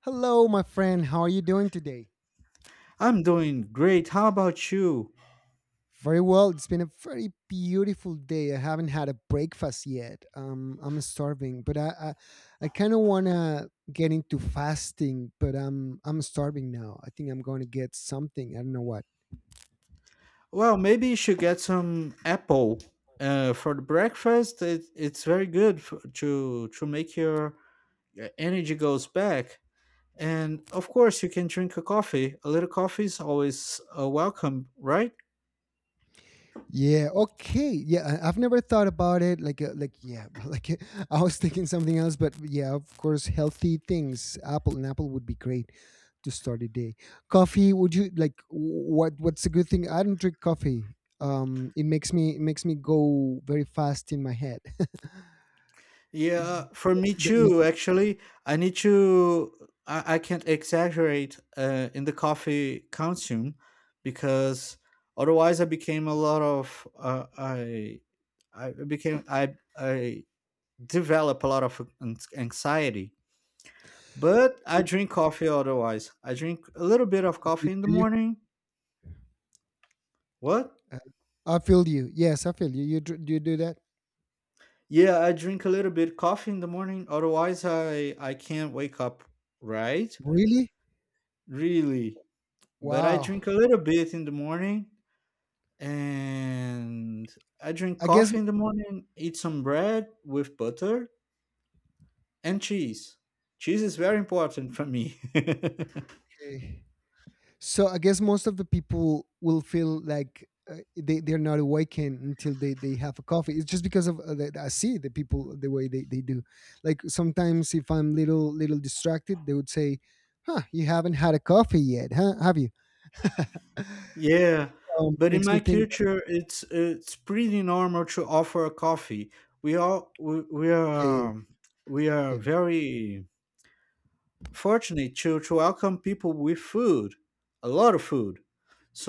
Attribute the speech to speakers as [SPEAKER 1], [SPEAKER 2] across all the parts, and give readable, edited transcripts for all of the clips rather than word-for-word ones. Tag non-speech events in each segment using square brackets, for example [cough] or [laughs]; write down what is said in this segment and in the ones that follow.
[SPEAKER 1] Hello, my friend. How are you doing today?
[SPEAKER 2] I'm doing great. How about you?
[SPEAKER 1] Very well. It's been a very beautiful day. I haven't had a breakfast yet. I'm starving, but I kind of wanna get into fasting, but I'm starving now. I think I'm going to get something. I don't know what.
[SPEAKER 2] Well, maybe you should get some apple for the breakfast. It's very good to make your energy goes back. And of course, you can drink a coffee. A little coffee is always welcome, right?
[SPEAKER 1] Yeah. Okay. Yeah. I've never thought about it. Like, yeah. [laughs] Like, I was thinking something else, but yeah, of course, healthy things. Apple and apple would be great to start a day. Coffee? Would you like? What? What's a good thing? I don't drink coffee. It makes me go very fast in my head. [laughs]
[SPEAKER 2] Yeah,
[SPEAKER 1] It-
[SPEAKER 2] for me
[SPEAKER 1] that
[SPEAKER 2] too.
[SPEAKER 1] makes.
[SPEAKER 2] Actually, I need to. I can't exaggerate in the coffee consume because otherwise I became a lot of. I became I develop a lot of anxiety. But I drink coffee otherwise. I drink a little bit of coffee
[SPEAKER 1] It,
[SPEAKER 2] in the
[SPEAKER 1] do you?
[SPEAKER 2] morning. What?
[SPEAKER 1] Uh, I feel you. Yes, I feel you. Do you do that?
[SPEAKER 2] Yeah, I drink a little bit coffee in the morning. Otherwise, I can't wake up right.
[SPEAKER 1] Really?
[SPEAKER 2] Really. But I
[SPEAKER 1] Wow.
[SPEAKER 2] drink a little bit in the morning and I drink
[SPEAKER 1] I guess.
[SPEAKER 2] coffee in the morning, eat some bread with butter and cheese. Cheese is very important for me.
[SPEAKER 1] Okay. So I guess most of the people will feel like they they're not awakened until they have a coffee. It's just because of that I see the people the way they do. Like sometimes if I'm little distracted, they would say, "Huh, you haven't had a coffee yet, huh? Have you?"
[SPEAKER 2] [laughs] Yeah, but in
[SPEAKER 1] Makes me
[SPEAKER 2] my
[SPEAKER 1] think.
[SPEAKER 2] culture it's pretty normal to offer coffee. We
[SPEAKER 1] Yeah, yeah,
[SPEAKER 2] are um, we are
[SPEAKER 1] yeah.
[SPEAKER 2] very fortunate to welcome people with food, a lot of food.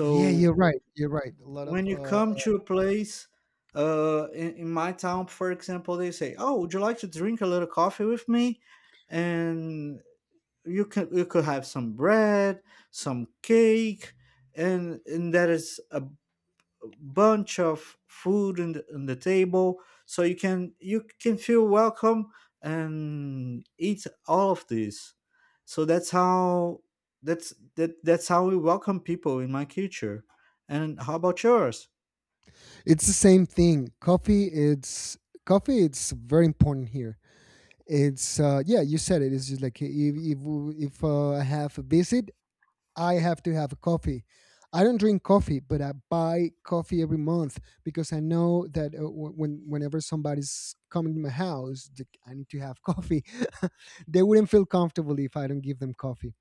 [SPEAKER 1] Yeah, you're right. You're right. A lot
[SPEAKER 2] when
[SPEAKER 1] of
[SPEAKER 2] you come to a place in my town, for example, they say, oh, would you like to drink a little coffee with me, and you could have some bread, some cake? And there is a bunch of food in in the table so you can feel welcome and eat all of this. So that's how that's how we welcome people in my culture. And how about yours?
[SPEAKER 1] it's the same thing. Coffee. It's very important here. It's yeah, you said it. It's just like if I have a visit, I have to have a coffee. I don't drink coffee, but I buy coffee every month because I know that when whenever somebody's coming to my house, I need to have coffee. [laughs] they wouldn't feel comfortable if I don't give them coffee.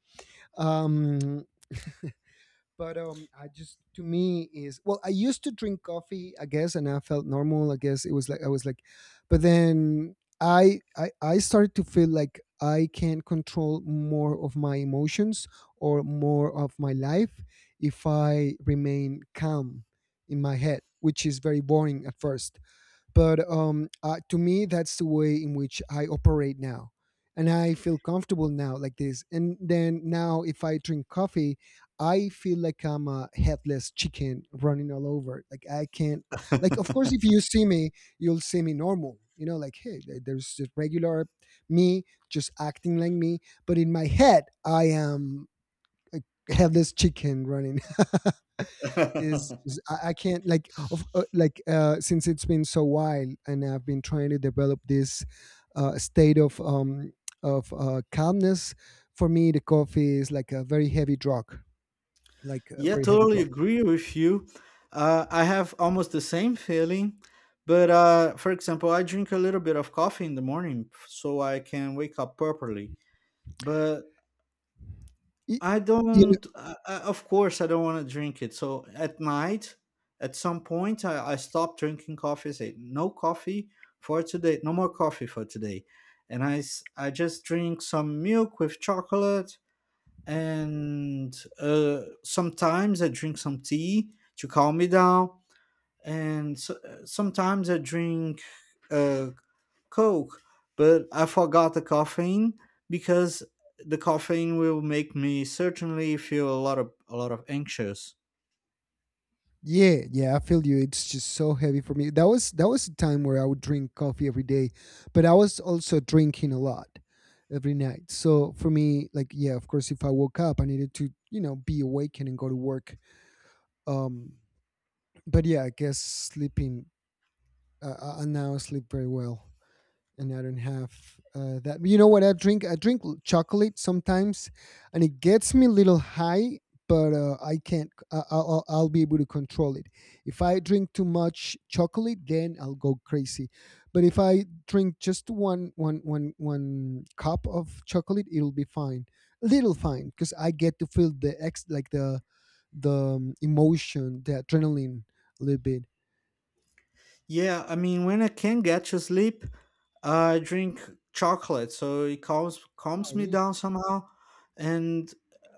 [SPEAKER 1] Um, but I just to me is well I used to drink coffee I guess and I felt normal I guess it was like I was like, but then I started to feel like I can control more of my emotions or more of my life if I remain calm in my head, which is very boring at first, but to me, that's the way in which I operate now. And I feel comfortable now like this. And then now, if I drink coffee, I feel like I'm a headless chicken running all over. Like, I can't, like, of course,
[SPEAKER 2] [laughs]
[SPEAKER 1] if you see me, you'll see me normal. You know, like, hey, there's just regular me just acting like me. But in my head, I am a headless chicken running is. I can't like of like since it's been so while and I've been trying to develop this state of calmness. For me, the coffee is like a very heavy drug, like a
[SPEAKER 2] Yeah,
[SPEAKER 1] very heavy
[SPEAKER 2] totally
[SPEAKER 1] drug.
[SPEAKER 2] agree with you. I have almost the same feeling, but for example, I drink a little bit of coffee in the morning so I can wake up properly. But
[SPEAKER 1] Y-
[SPEAKER 2] I
[SPEAKER 1] You know,
[SPEAKER 2] don't, I, of course, I don't want to drink it. So at night, at some point, I stop drinking coffee. Say no coffee for today, no more coffee for today, and I just drink some milk with chocolate, and sometimes I drink some tea to calm me down, and so, sometimes I drink uh, Coke, but I forgot the caffeine because the caffeine will make me certainly feel a lot of anxious.
[SPEAKER 1] yeah, yeah, I feel you. It's just so heavy for me. That was a time where I would drink coffee every day, but I was also drinking a lot every night. So for me, like yeah, of course, if I woke up, I needed to you know be awake and go to work. Um, but yeah, I guess sleeping. I now sleep very well, and I don't have that. You know what? I drink. Chocolate sometimes, and it gets me a little high. But I can't. I'll be able to control it. If I drink too much chocolate, then I'll go crazy. But if I drink just one cup of chocolate, it'll be fine. A little fine, because I get to feel the ex like the emotion, the adrenaline a little bit.
[SPEAKER 2] Yeah, I mean, when I can get to sleep, I drink chocolate, so it
[SPEAKER 1] Oh,
[SPEAKER 2] calms me
[SPEAKER 1] really?
[SPEAKER 2] down somehow, and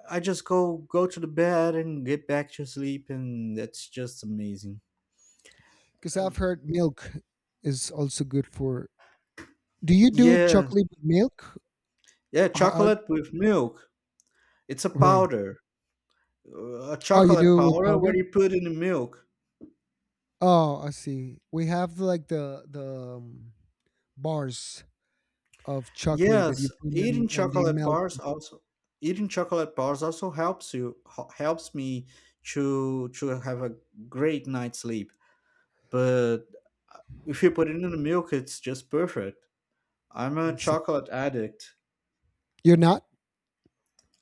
[SPEAKER 2] I just go to the bed and get back to sleep, and that's just amazing.
[SPEAKER 1] Because
[SPEAKER 2] Uh,
[SPEAKER 1] I've heard milk is also good for. Do you do
[SPEAKER 2] yeah,
[SPEAKER 1] chocolate with milk?
[SPEAKER 2] yeah,
[SPEAKER 1] Uh,
[SPEAKER 2] chocolate with milk. It's a
[SPEAKER 1] right.
[SPEAKER 2] powder, a
[SPEAKER 1] Oh, you
[SPEAKER 2] chocolate
[SPEAKER 1] do with
[SPEAKER 2] powder where
[SPEAKER 1] powder?
[SPEAKER 2] you put in the milk.
[SPEAKER 1] Oh, I see. We have like the bars of chocolate that you
[SPEAKER 2] Yes,
[SPEAKER 1] put in and they melt.
[SPEAKER 2] eating chocolate bars also helps me to have a great night's sleep. But if you put it in the milk, it's just perfect. I'm a
[SPEAKER 1] I see.
[SPEAKER 2] chocolate addict.
[SPEAKER 1] You're not,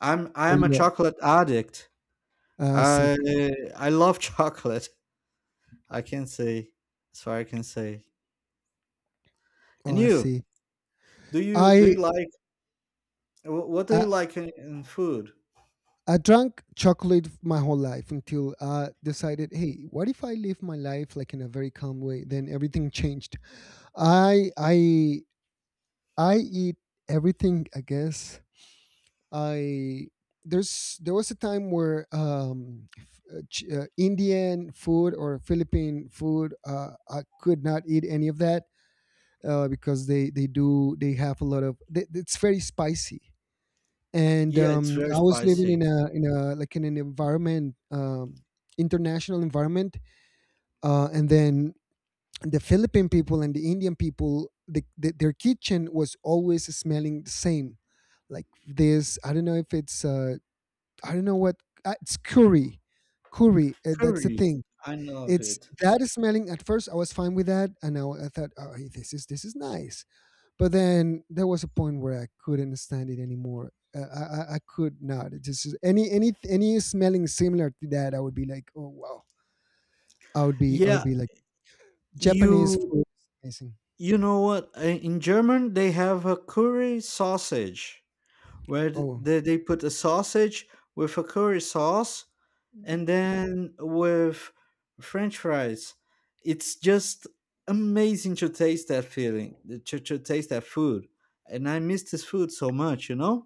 [SPEAKER 2] I
[SPEAKER 1] or
[SPEAKER 2] am
[SPEAKER 1] you
[SPEAKER 2] a chocolate addict.
[SPEAKER 1] are. I see.
[SPEAKER 2] I I love [laughs] chocolate. I can say that's what I can say.
[SPEAKER 1] Oh,
[SPEAKER 2] And
[SPEAKER 1] I
[SPEAKER 2] you,
[SPEAKER 1] see.
[SPEAKER 2] do
[SPEAKER 1] I
[SPEAKER 2] you like what do you
[SPEAKER 1] I,
[SPEAKER 2] like in food?
[SPEAKER 1] I drank chocolate my whole life until I decided, hey, what if I live my life like in a very calm way? Then everything changed. I I I eat everything, I guess. I there's there was a time where Indian food or Philippine food, I could not eat any of that because they have a lot of it's very spicy. And
[SPEAKER 2] Yeah, it's very
[SPEAKER 1] I was living
[SPEAKER 2] spicy.
[SPEAKER 1] in a like in an environment, international environment, and then the Philippine people and the Indian people, their kitchen was always smelling the same like this. I don't know if it's I don't know what it's curry, curry. That's the
[SPEAKER 2] Curry,
[SPEAKER 1] thing.
[SPEAKER 2] I love
[SPEAKER 1] It's
[SPEAKER 2] it.
[SPEAKER 1] that is smelling. At first, I was fine with that, and I thought, oh, hey, this is nice. But then there was a point where I couldn't stand it anymore. I could not. It just any smelling similar to that, I would be like, oh wow. I would
[SPEAKER 2] Yeah,
[SPEAKER 1] be like Japanese
[SPEAKER 2] you
[SPEAKER 1] food is amazing.
[SPEAKER 2] you know what? I- In German, they have a curry sausage, where
[SPEAKER 1] Oh,
[SPEAKER 2] they put a sausage with a curry sauce and then with french fries. It's just amazing to taste that feeling, to taste that food. And I miss this food so much, you know?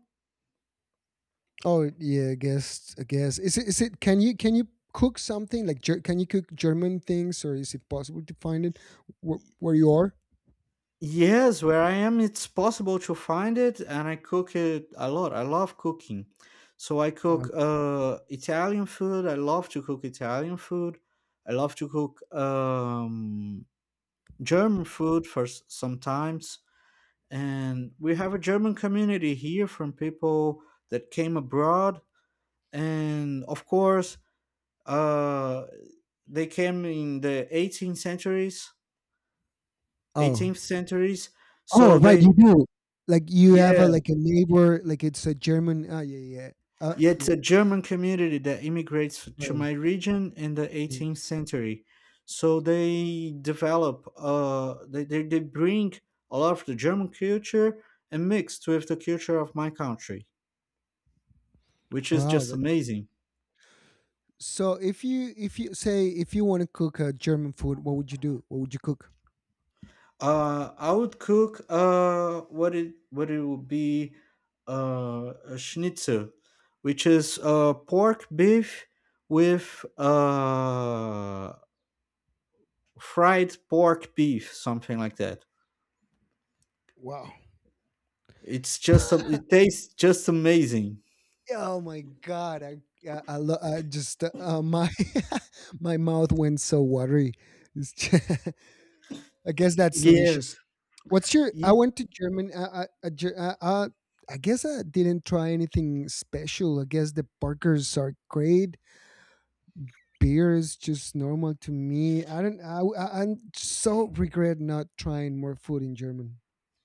[SPEAKER 1] oh yeah, I guess is it can you cook something like can you cook German things or is it possible to find it where you are?
[SPEAKER 2] Yes, where I am, it's possible to find it, and I cook it a lot. I love cooking. So I
[SPEAKER 1] Uh,
[SPEAKER 2] cook italian food. I love to cook italian food. I love to cook German food for sometimes, and we have a German community here from people that came abroad, and of course, uh, they came in the 18th centuries,
[SPEAKER 1] oh
[SPEAKER 2] 18th centuries,
[SPEAKER 1] oh
[SPEAKER 2] so
[SPEAKER 1] right,
[SPEAKER 2] they.
[SPEAKER 1] you do. Like you have a
[SPEAKER 2] Yeah,
[SPEAKER 1] like a neighbor like it's a German. Ah yeah yeah.
[SPEAKER 2] yeah, it's
[SPEAKER 1] Yeah
[SPEAKER 2] a German community that immigrates to
[SPEAKER 1] right.
[SPEAKER 2] my region in the
[SPEAKER 1] Yeah.
[SPEAKER 2] 18th century, so they develop they bring a lot of the German culture and mixed with the culture of my country, which is
[SPEAKER 1] Wow,
[SPEAKER 2] just
[SPEAKER 1] that's
[SPEAKER 2] amazing.
[SPEAKER 1] so. If you say if you want to cook German food, what would you do? What would you cook?
[SPEAKER 2] I would cook what it would be a schnitzel, which is pork beef with fried pork beef, something like that.
[SPEAKER 1] Wow.
[SPEAKER 2] It's just
[SPEAKER 1] [laughs]
[SPEAKER 2] it tastes just amazing.
[SPEAKER 1] Oh my god, I just my [laughs] my mouth went so watery. It's ju- [laughs] I guess that's
[SPEAKER 2] Yes.
[SPEAKER 1] delicious. What's your? I
[SPEAKER 2] Ye-
[SPEAKER 1] went to Germany. I guess I didn't try anything special. I guess the burgers are great. Beer is just normal to me. I don't. I'm so regret not trying more food in German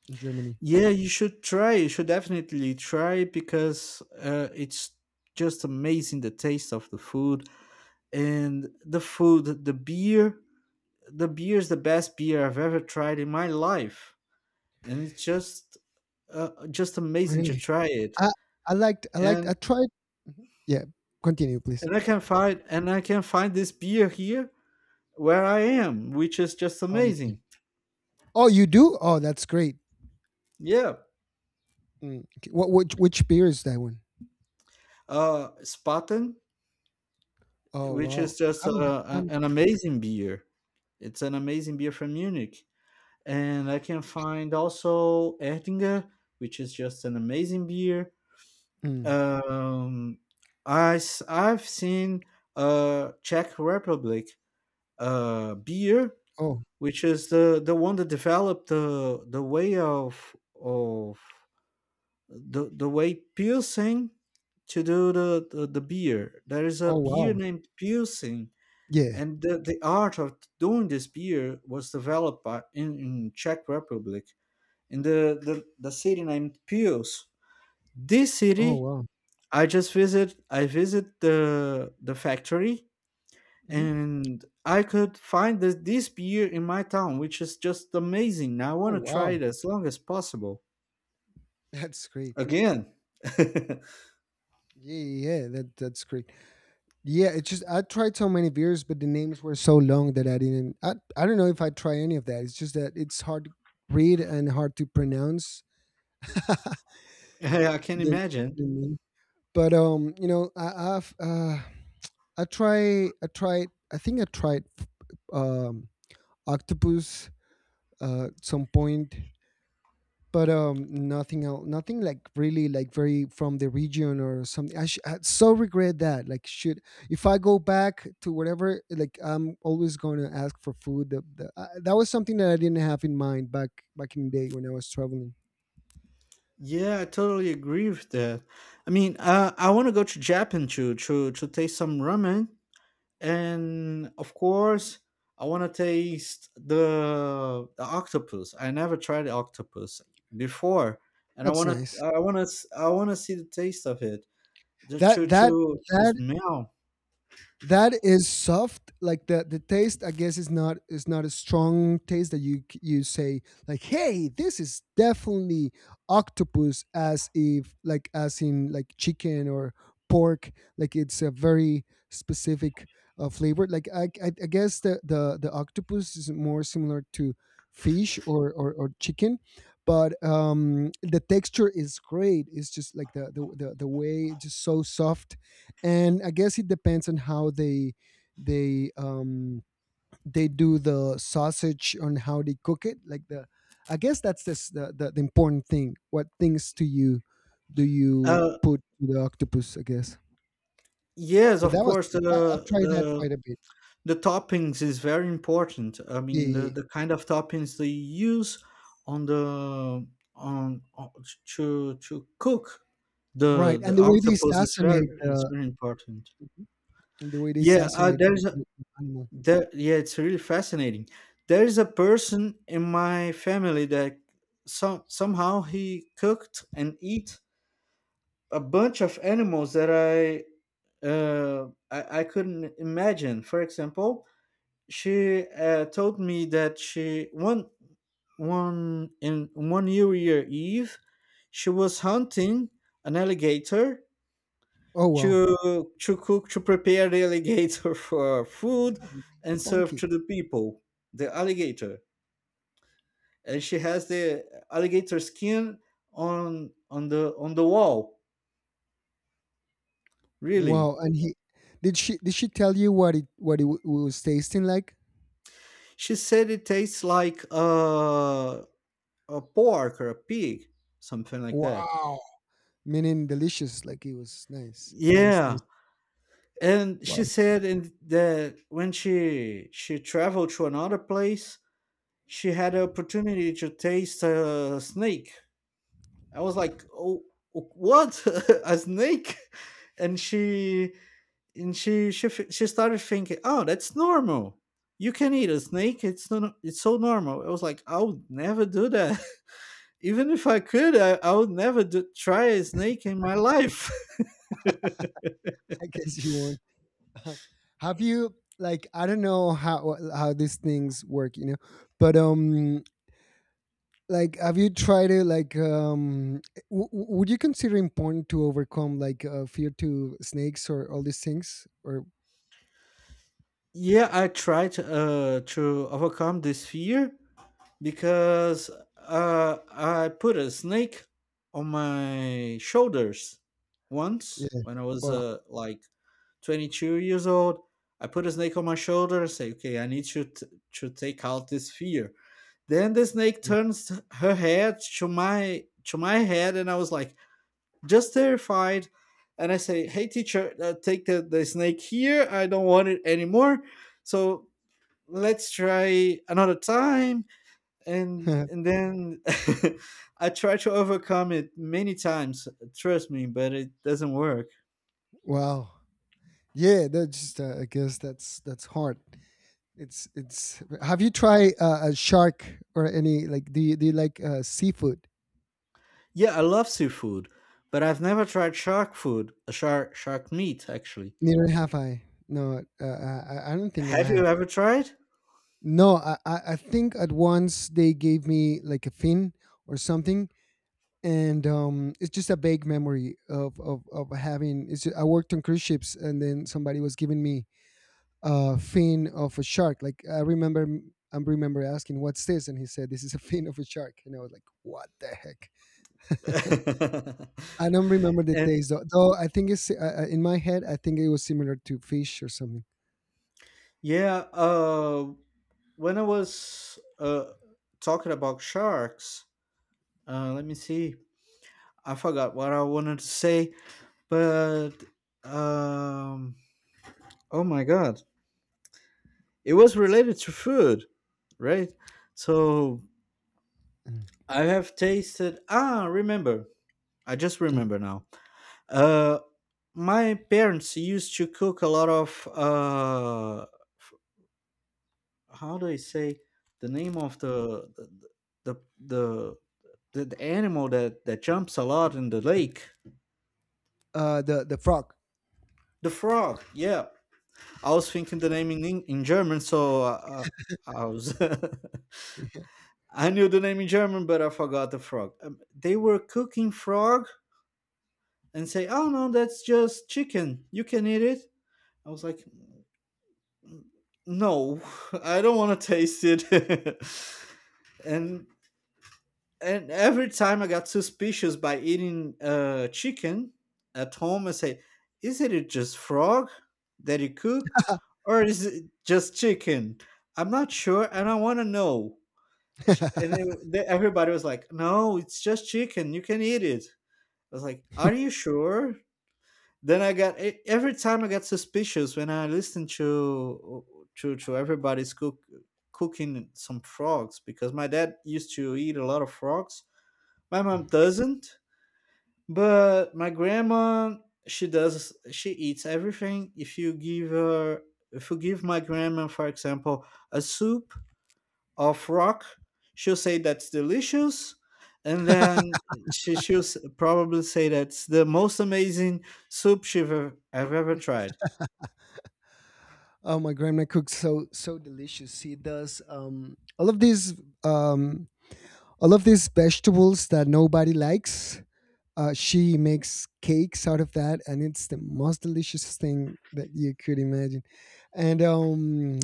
[SPEAKER 1] in Germany.
[SPEAKER 2] yeah, you should try. You should definitely try because it's just amazing the taste of the food and the beer. The beer is the best beer I've ever tried in my life, and it's just amazing to
[SPEAKER 1] Really,
[SPEAKER 2] try it.
[SPEAKER 1] I I liked I
[SPEAKER 2] And
[SPEAKER 1] tried. Yeah, continue please.
[SPEAKER 2] and I can find this beer here where I am, which is just
[SPEAKER 1] Oh, you can.
[SPEAKER 2] amazing.
[SPEAKER 1] Oh, you do? Oh, that's great.
[SPEAKER 2] Yeah,
[SPEAKER 1] Mm. What which beer is that one?
[SPEAKER 2] Spaten,
[SPEAKER 1] Oh
[SPEAKER 2] which is
[SPEAKER 1] wow, I
[SPEAKER 2] just
[SPEAKER 1] haven't I haven't
[SPEAKER 2] an
[SPEAKER 1] seen
[SPEAKER 2] amazing beer. It's an amazing beer from Munich, and I can find also Erdinger, which is just an amazing beer.
[SPEAKER 1] it. Mm.
[SPEAKER 2] Um, I've seen Czech Republic beer,
[SPEAKER 1] Oh
[SPEAKER 2] which is the one that developed the way of the way Pilsen to do the beer. There is a
[SPEAKER 1] oh
[SPEAKER 2] beer
[SPEAKER 1] wow,
[SPEAKER 2] named Pilsen.
[SPEAKER 1] yeah.
[SPEAKER 2] And the art of doing this beer was developed by, in Czech Republic in the city named Pils. This
[SPEAKER 1] Oh
[SPEAKER 2] city
[SPEAKER 1] wow.
[SPEAKER 2] I just visit I visit the factory,
[SPEAKER 1] Hmm.
[SPEAKER 2] and I could find this beer in my town, which is just amazing. I
[SPEAKER 1] Oh
[SPEAKER 2] want to try
[SPEAKER 1] wow,
[SPEAKER 2] it as long as possible.
[SPEAKER 1] [laughs] that's great.
[SPEAKER 2] Again. [laughs]
[SPEAKER 1] Yeah yeah yeah, that that's great. Yeah, it's just I tried so many beers, but the names were so long that I didn't. I don't know if I try any of that. It's just that it's hard to read and hard to pronounce. [laughs]
[SPEAKER 2] Yeah, I can
[SPEAKER 1] the,
[SPEAKER 2] imagine.
[SPEAKER 1] the name. But you know, I've I tried I think I tried um octopus at some point, but nothing else, nothing like really like very from the region or something. I so regret that. Like, should if I go back to whatever, like I'm always going to ask for food. That was something that I didn't have in mind back back in the day when I was traveling.
[SPEAKER 2] Yeah, I totally agree with that. I mean, I want to go to Japan to to taste some ramen, and of course I want to taste the octopus. I never tried the octopus before, and I
[SPEAKER 1] That's
[SPEAKER 2] want to
[SPEAKER 1] nice.
[SPEAKER 2] I want to see the taste of it, the
[SPEAKER 1] That
[SPEAKER 2] choo
[SPEAKER 1] that
[SPEAKER 2] choo to
[SPEAKER 1] that
[SPEAKER 2] smell.
[SPEAKER 1] That is soft. Like the taste, I guess, is not a strong taste that you you say like, "Hey, this is definitely octopus," as if like as in like chicken or pork. Like it's a very specific flavor. Like I guess the the octopus is more similar to fish or or chicken, but the texture is great. It's just like the way it's just so soft and I guess it depends on how they they um they do the sausage on how they cook it. I guess that's this, the important thing. What things do you
[SPEAKER 2] uh
[SPEAKER 1] put to the octopus? I guess.
[SPEAKER 2] yes,
[SPEAKER 1] But
[SPEAKER 2] of
[SPEAKER 1] that was
[SPEAKER 2] course,
[SPEAKER 1] I've tried that quite a bit.
[SPEAKER 2] the toppings is very important. I
[SPEAKER 1] Yeah,
[SPEAKER 2] mean,
[SPEAKER 1] yeah, yeah.
[SPEAKER 2] the kind of toppings they use on the on to cook
[SPEAKER 1] Right.
[SPEAKER 2] the octopus is very important.
[SPEAKER 1] And the way they
[SPEAKER 2] Yeah,
[SPEAKER 1] assassinate. The animal.
[SPEAKER 2] that yeah, it's really fascinating. There is a person in my family that some somehow he cooked and eat a bunch of animals that I I couldn't imagine. For example, she told me that she one one in one New Year Eve she was hunting an alligator
[SPEAKER 1] Oh wow,
[SPEAKER 2] to cook to prepare the alligator [laughs] for food
[SPEAKER 1] oh,
[SPEAKER 2] and serve
[SPEAKER 1] funky.
[SPEAKER 2] to the people the alligator. And she has the alligator skin on the wall, really.
[SPEAKER 1] Wow, and he did she tell you what it was tasting like?
[SPEAKER 2] She said it tastes like a pork or a pig, something like that.
[SPEAKER 1] Wow. Meaning delicious like it was nice nice nice.
[SPEAKER 2] Yeah, and she
[SPEAKER 1] Well,
[SPEAKER 2] said in that when she traveled to another place, she had the opportunity to taste a snake. I was like, oh, what? [laughs] A snake? And she started thinking, oh, that's normal. You can eat a snake. It's no, no, it's so normal. I was like, I would never do that. [laughs] Even if I could, I would never do, try a snake in my life. [laughs]
[SPEAKER 1] [laughs] I guess you won't. [laughs] have you like I don't know how these things work you know, but like have you tried to like would you consider important to overcome like fear to snakes or all these things or
[SPEAKER 2] Yeah, I tried to overcome this fear because I put a snake on my shoulders once
[SPEAKER 1] yeah
[SPEAKER 2] when I was
[SPEAKER 1] well
[SPEAKER 2] like 22 years old. I put a snake on my shoulder and say, okay, I need you to take out this fear. Then the snake turns her head to my head, and I was like, just terrified. And I say, hey, teacher, take the snake here. I don't want it anymore. So let's try another time.
[SPEAKER 1] yeah.
[SPEAKER 2] And then [laughs] I try to overcome it many times. Trust me, but it doesn't work.
[SPEAKER 1] [laughs] wow yeah that's just I guess that's hard. It's have you tried a shark or any like do you like seafood?
[SPEAKER 2] Yeah, I love seafood, but I've never tried shark food, shark meat actually.
[SPEAKER 1] Neither have I. No, I don't think I
[SPEAKER 2] Have you
[SPEAKER 1] have.
[SPEAKER 2] ever tried?
[SPEAKER 1] No, I think at once they gave me like a fin or something, and it's just a vague memory of having. I worked on cruise ships, and then somebody was giving me a fin of a shark. Like I remember asking, "What's this?" And he said, "This is a fin of a shark," and I was like, "What the heck?"
[SPEAKER 2] [laughs]
[SPEAKER 1] I don't remember the
[SPEAKER 2] And
[SPEAKER 1] taste though. Though I think it's in my head. I think it was similar to fish or something.
[SPEAKER 2] yeah, when I was talking about sharks, let me see. I forgot what I wanted to say, but um, oh my god, it was related to food, right? So
[SPEAKER 1] Mm.
[SPEAKER 2] I have tasted. Ah, remember. I just
[SPEAKER 1] Mm.
[SPEAKER 2] remember now. Uh, my parents used to cook a lot of. How do I say the name of the the the animal that that jumps a lot in the lake?
[SPEAKER 1] The frog.
[SPEAKER 2] The frog. Yeah, I was thinking the name in in German, so I was. [laughs] I knew the name in German, but I forgot the frog. They were cooking frog and say, "Oh no, that's just chicken. You can eat it." I was like, "No, [laughs] I don't want to taste it." [laughs] and and every time I got suspicious by eating chicken at home, I say, "Isn't it just frog that you cooked, or is it just chicken? I'm not sure, and I want to know." And
[SPEAKER 1] [laughs]
[SPEAKER 2] then everybody was like, "No, it's just chicken. You can eat it." I was like, "Are you sure?" Then every time I got suspicious when I listened to to everybody's cooking some frogs, because my dad used to eat a lot of frogs. My mom doesn't, but my grandma, she eats everything. If you give her if you give my grandma, for example, a soup of rock, she'll say that's delicious, and then she'll probably say that's the most amazing soup I've ever tried.
[SPEAKER 1] oh, my grandma cooks so so delicious. She does um all of these vegetables that nobody likes. She makes cakes out of that, and it's the most delicious thing that you could imagine. And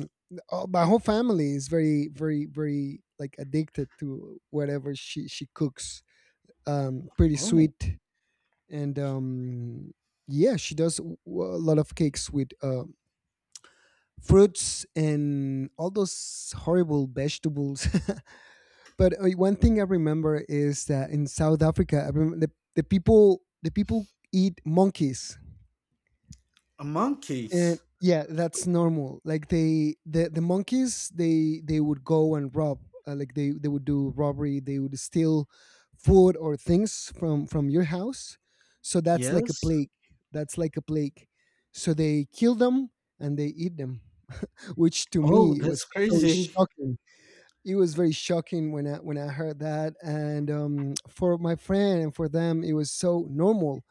[SPEAKER 1] My whole family is very, very, very like addicted to whatever she cooks. Um, pretty
[SPEAKER 2] Oh,
[SPEAKER 1] sweet. And Yeah, she does a lot of cakes with fruits and all those horrible vegetables. [laughs] but one thing I remember is that in South Africa, I remember the people eat monkeys, and
[SPEAKER 2] monkeys?
[SPEAKER 1] yeah, that's normal. Like the monkeys, they would go and rob, like they would do robbery, they would steal food or things from your house. So that's like a
[SPEAKER 2] Yes.
[SPEAKER 1] plague. That's like a plague. So they kill them and they eat them, [laughs] which to
[SPEAKER 2] Oh,
[SPEAKER 1] me
[SPEAKER 2] that's
[SPEAKER 1] was so
[SPEAKER 2] crazy.
[SPEAKER 1] shocking. It was very shocking when I heard that. And for my friend and for them, it was so normal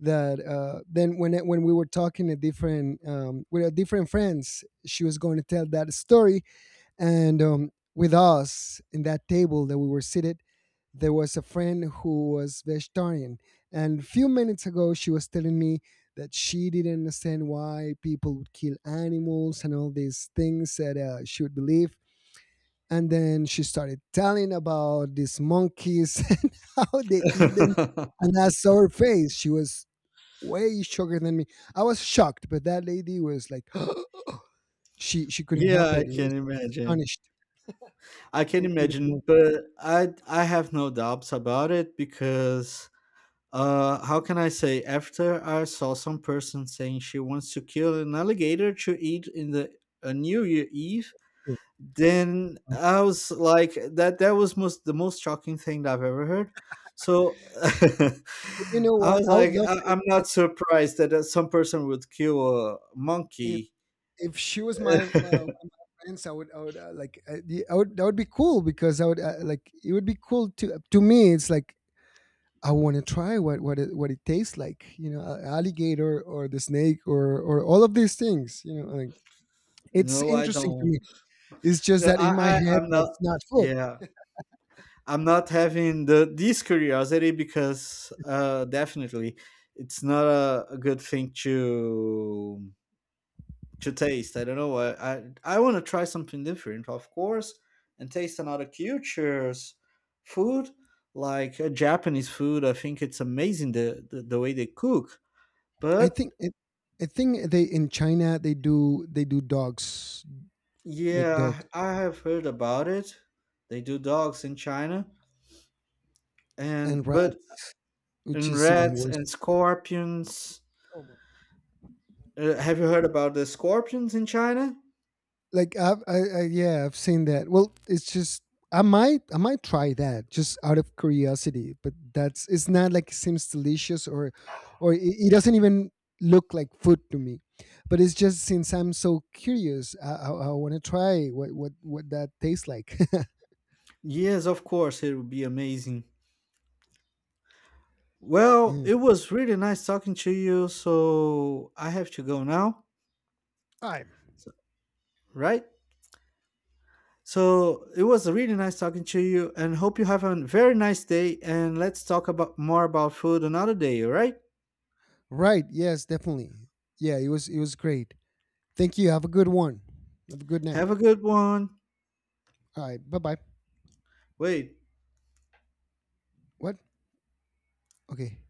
[SPEAKER 1] that then when we were talking to different with our different friends, she was going to tell that story. And with us in that table that we were seated, there was a friend who was vegetarian. And a few minutes ago, she was telling me that she didn't understand why people would kill animals and all these things that she would believe, and then she started telling about these monkeys [laughs] and how they eat them.
[SPEAKER 2] [laughs]
[SPEAKER 1] And I saw her face. She was way shorter than me. I was shocked, but that lady was like, [gasps] she couldn't
[SPEAKER 2] Yeah,
[SPEAKER 1] help
[SPEAKER 2] I
[SPEAKER 1] it. It was
[SPEAKER 2] can imagine.
[SPEAKER 1] astonished,
[SPEAKER 2] I can
[SPEAKER 1] people eating
[SPEAKER 2] imagine,
[SPEAKER 1] monkeys.
[SPEAKER 2] but I have no doubts about it because how can I say after I saw some person saying she wants to kill an alligator to eat in the a New Year Eve,
[SPEAKER 1] Yeah.
[SPEAKER 2] then I was like that that was most the most shocking thing that I've ever heard. So [laughs]
[SPEAKER 1] But you know
[SPEAKER 2] I
[SPEAKER 1] what?
[SPEAKER 2] was
[SPEAKER 1] I would
[SPEAKER 2] like,
[SPEAKER 1] love
[SPEAKER 2] I,
[SPEAKER 1] to,
[SPEAKER 2] I'm
[SPEAKER 1] like,
[SPEAKER 2] not surprised that some person would kill a
[SPEAKER 1] if
[SPEAKER 2] monkey.
[SPEAKER 1] if she was my one of my friends, I would I would, that would be cool, because I would like, it would be cool to me. It's like, I want to try what what it tastes like, you know, alligator or the snake or all of these things, you know. Like, it's
[SPEAKER 2] No, I
[SPEAKER 1] interesting to
[SPEAKER 2] don't.
[SPEAKER 1] me. It's just
[SPEAKER 2] No,
[SPEAKER 1] that in my
[SPEAKER 2] I
[SPEAKER 1] head,
[SPEAKER 2] I'm not.
[SPEAKER 1] that's not food.
[SPEAKER 2] Yeah, I'm not having the this curiosity because definitely it's not a, a good thing to taste. I don't know. I want to try something different, of course, and taste another culture's food, like Japanese food. I think it's amazing the way they cook.
[SPEAKER 1] I
[SPEAKER 2] But
[SPEAKER 1] think it, I think they in China they do, they do dogs, like dogs
[SPEAKER 2] yeah, I have heard about it. They do dogs in China,
[SPEAKER 1] and
[SPEAKER 2] and but
[SPEAKER 1] rats, which
[SPEAKER 2] in
[SPEAKER 1] is even
[SPEAKER 2] rats
[SPEAKER 1] worse.
[SPEAKER 2] and scorpions.
[SPEAKER 1] Oh my god.
[SPEAKER 2] Have you heard about the scorpions in China?
[SPEAKER 1] Like I yeah, I've seen that. Well, it's just, I might try that just out of curiosity, but that's, it's not like it seems delicious, or it doesn't even look like food to me. But it's just, since I'm so curious, I want to try what what that tastes like. [laughs]
[SPEAKER 2] Yes, of course, it would be amazing. Well,
[SPEAKER 1] Mm.
[SPEAKER 2] it was really nice talking to you. So I have to go now,
[SPEAKER 1] All right.
[SPEAKER 2] so, right? So it was really nice talking to you, and hope you have a very nice day. And let's talk about more about food another day. All right?
[SPEAKER 1] Right, yes, definitely. Yeah, it was, it was great. Thank you, have a good one. Have a good night.
[SPEAKER 2] Have a good one.
[SPEAKER 1] All right, bye bye.
[SPEAKER 2] Wait.
[SPEAKER 1] What? Okay.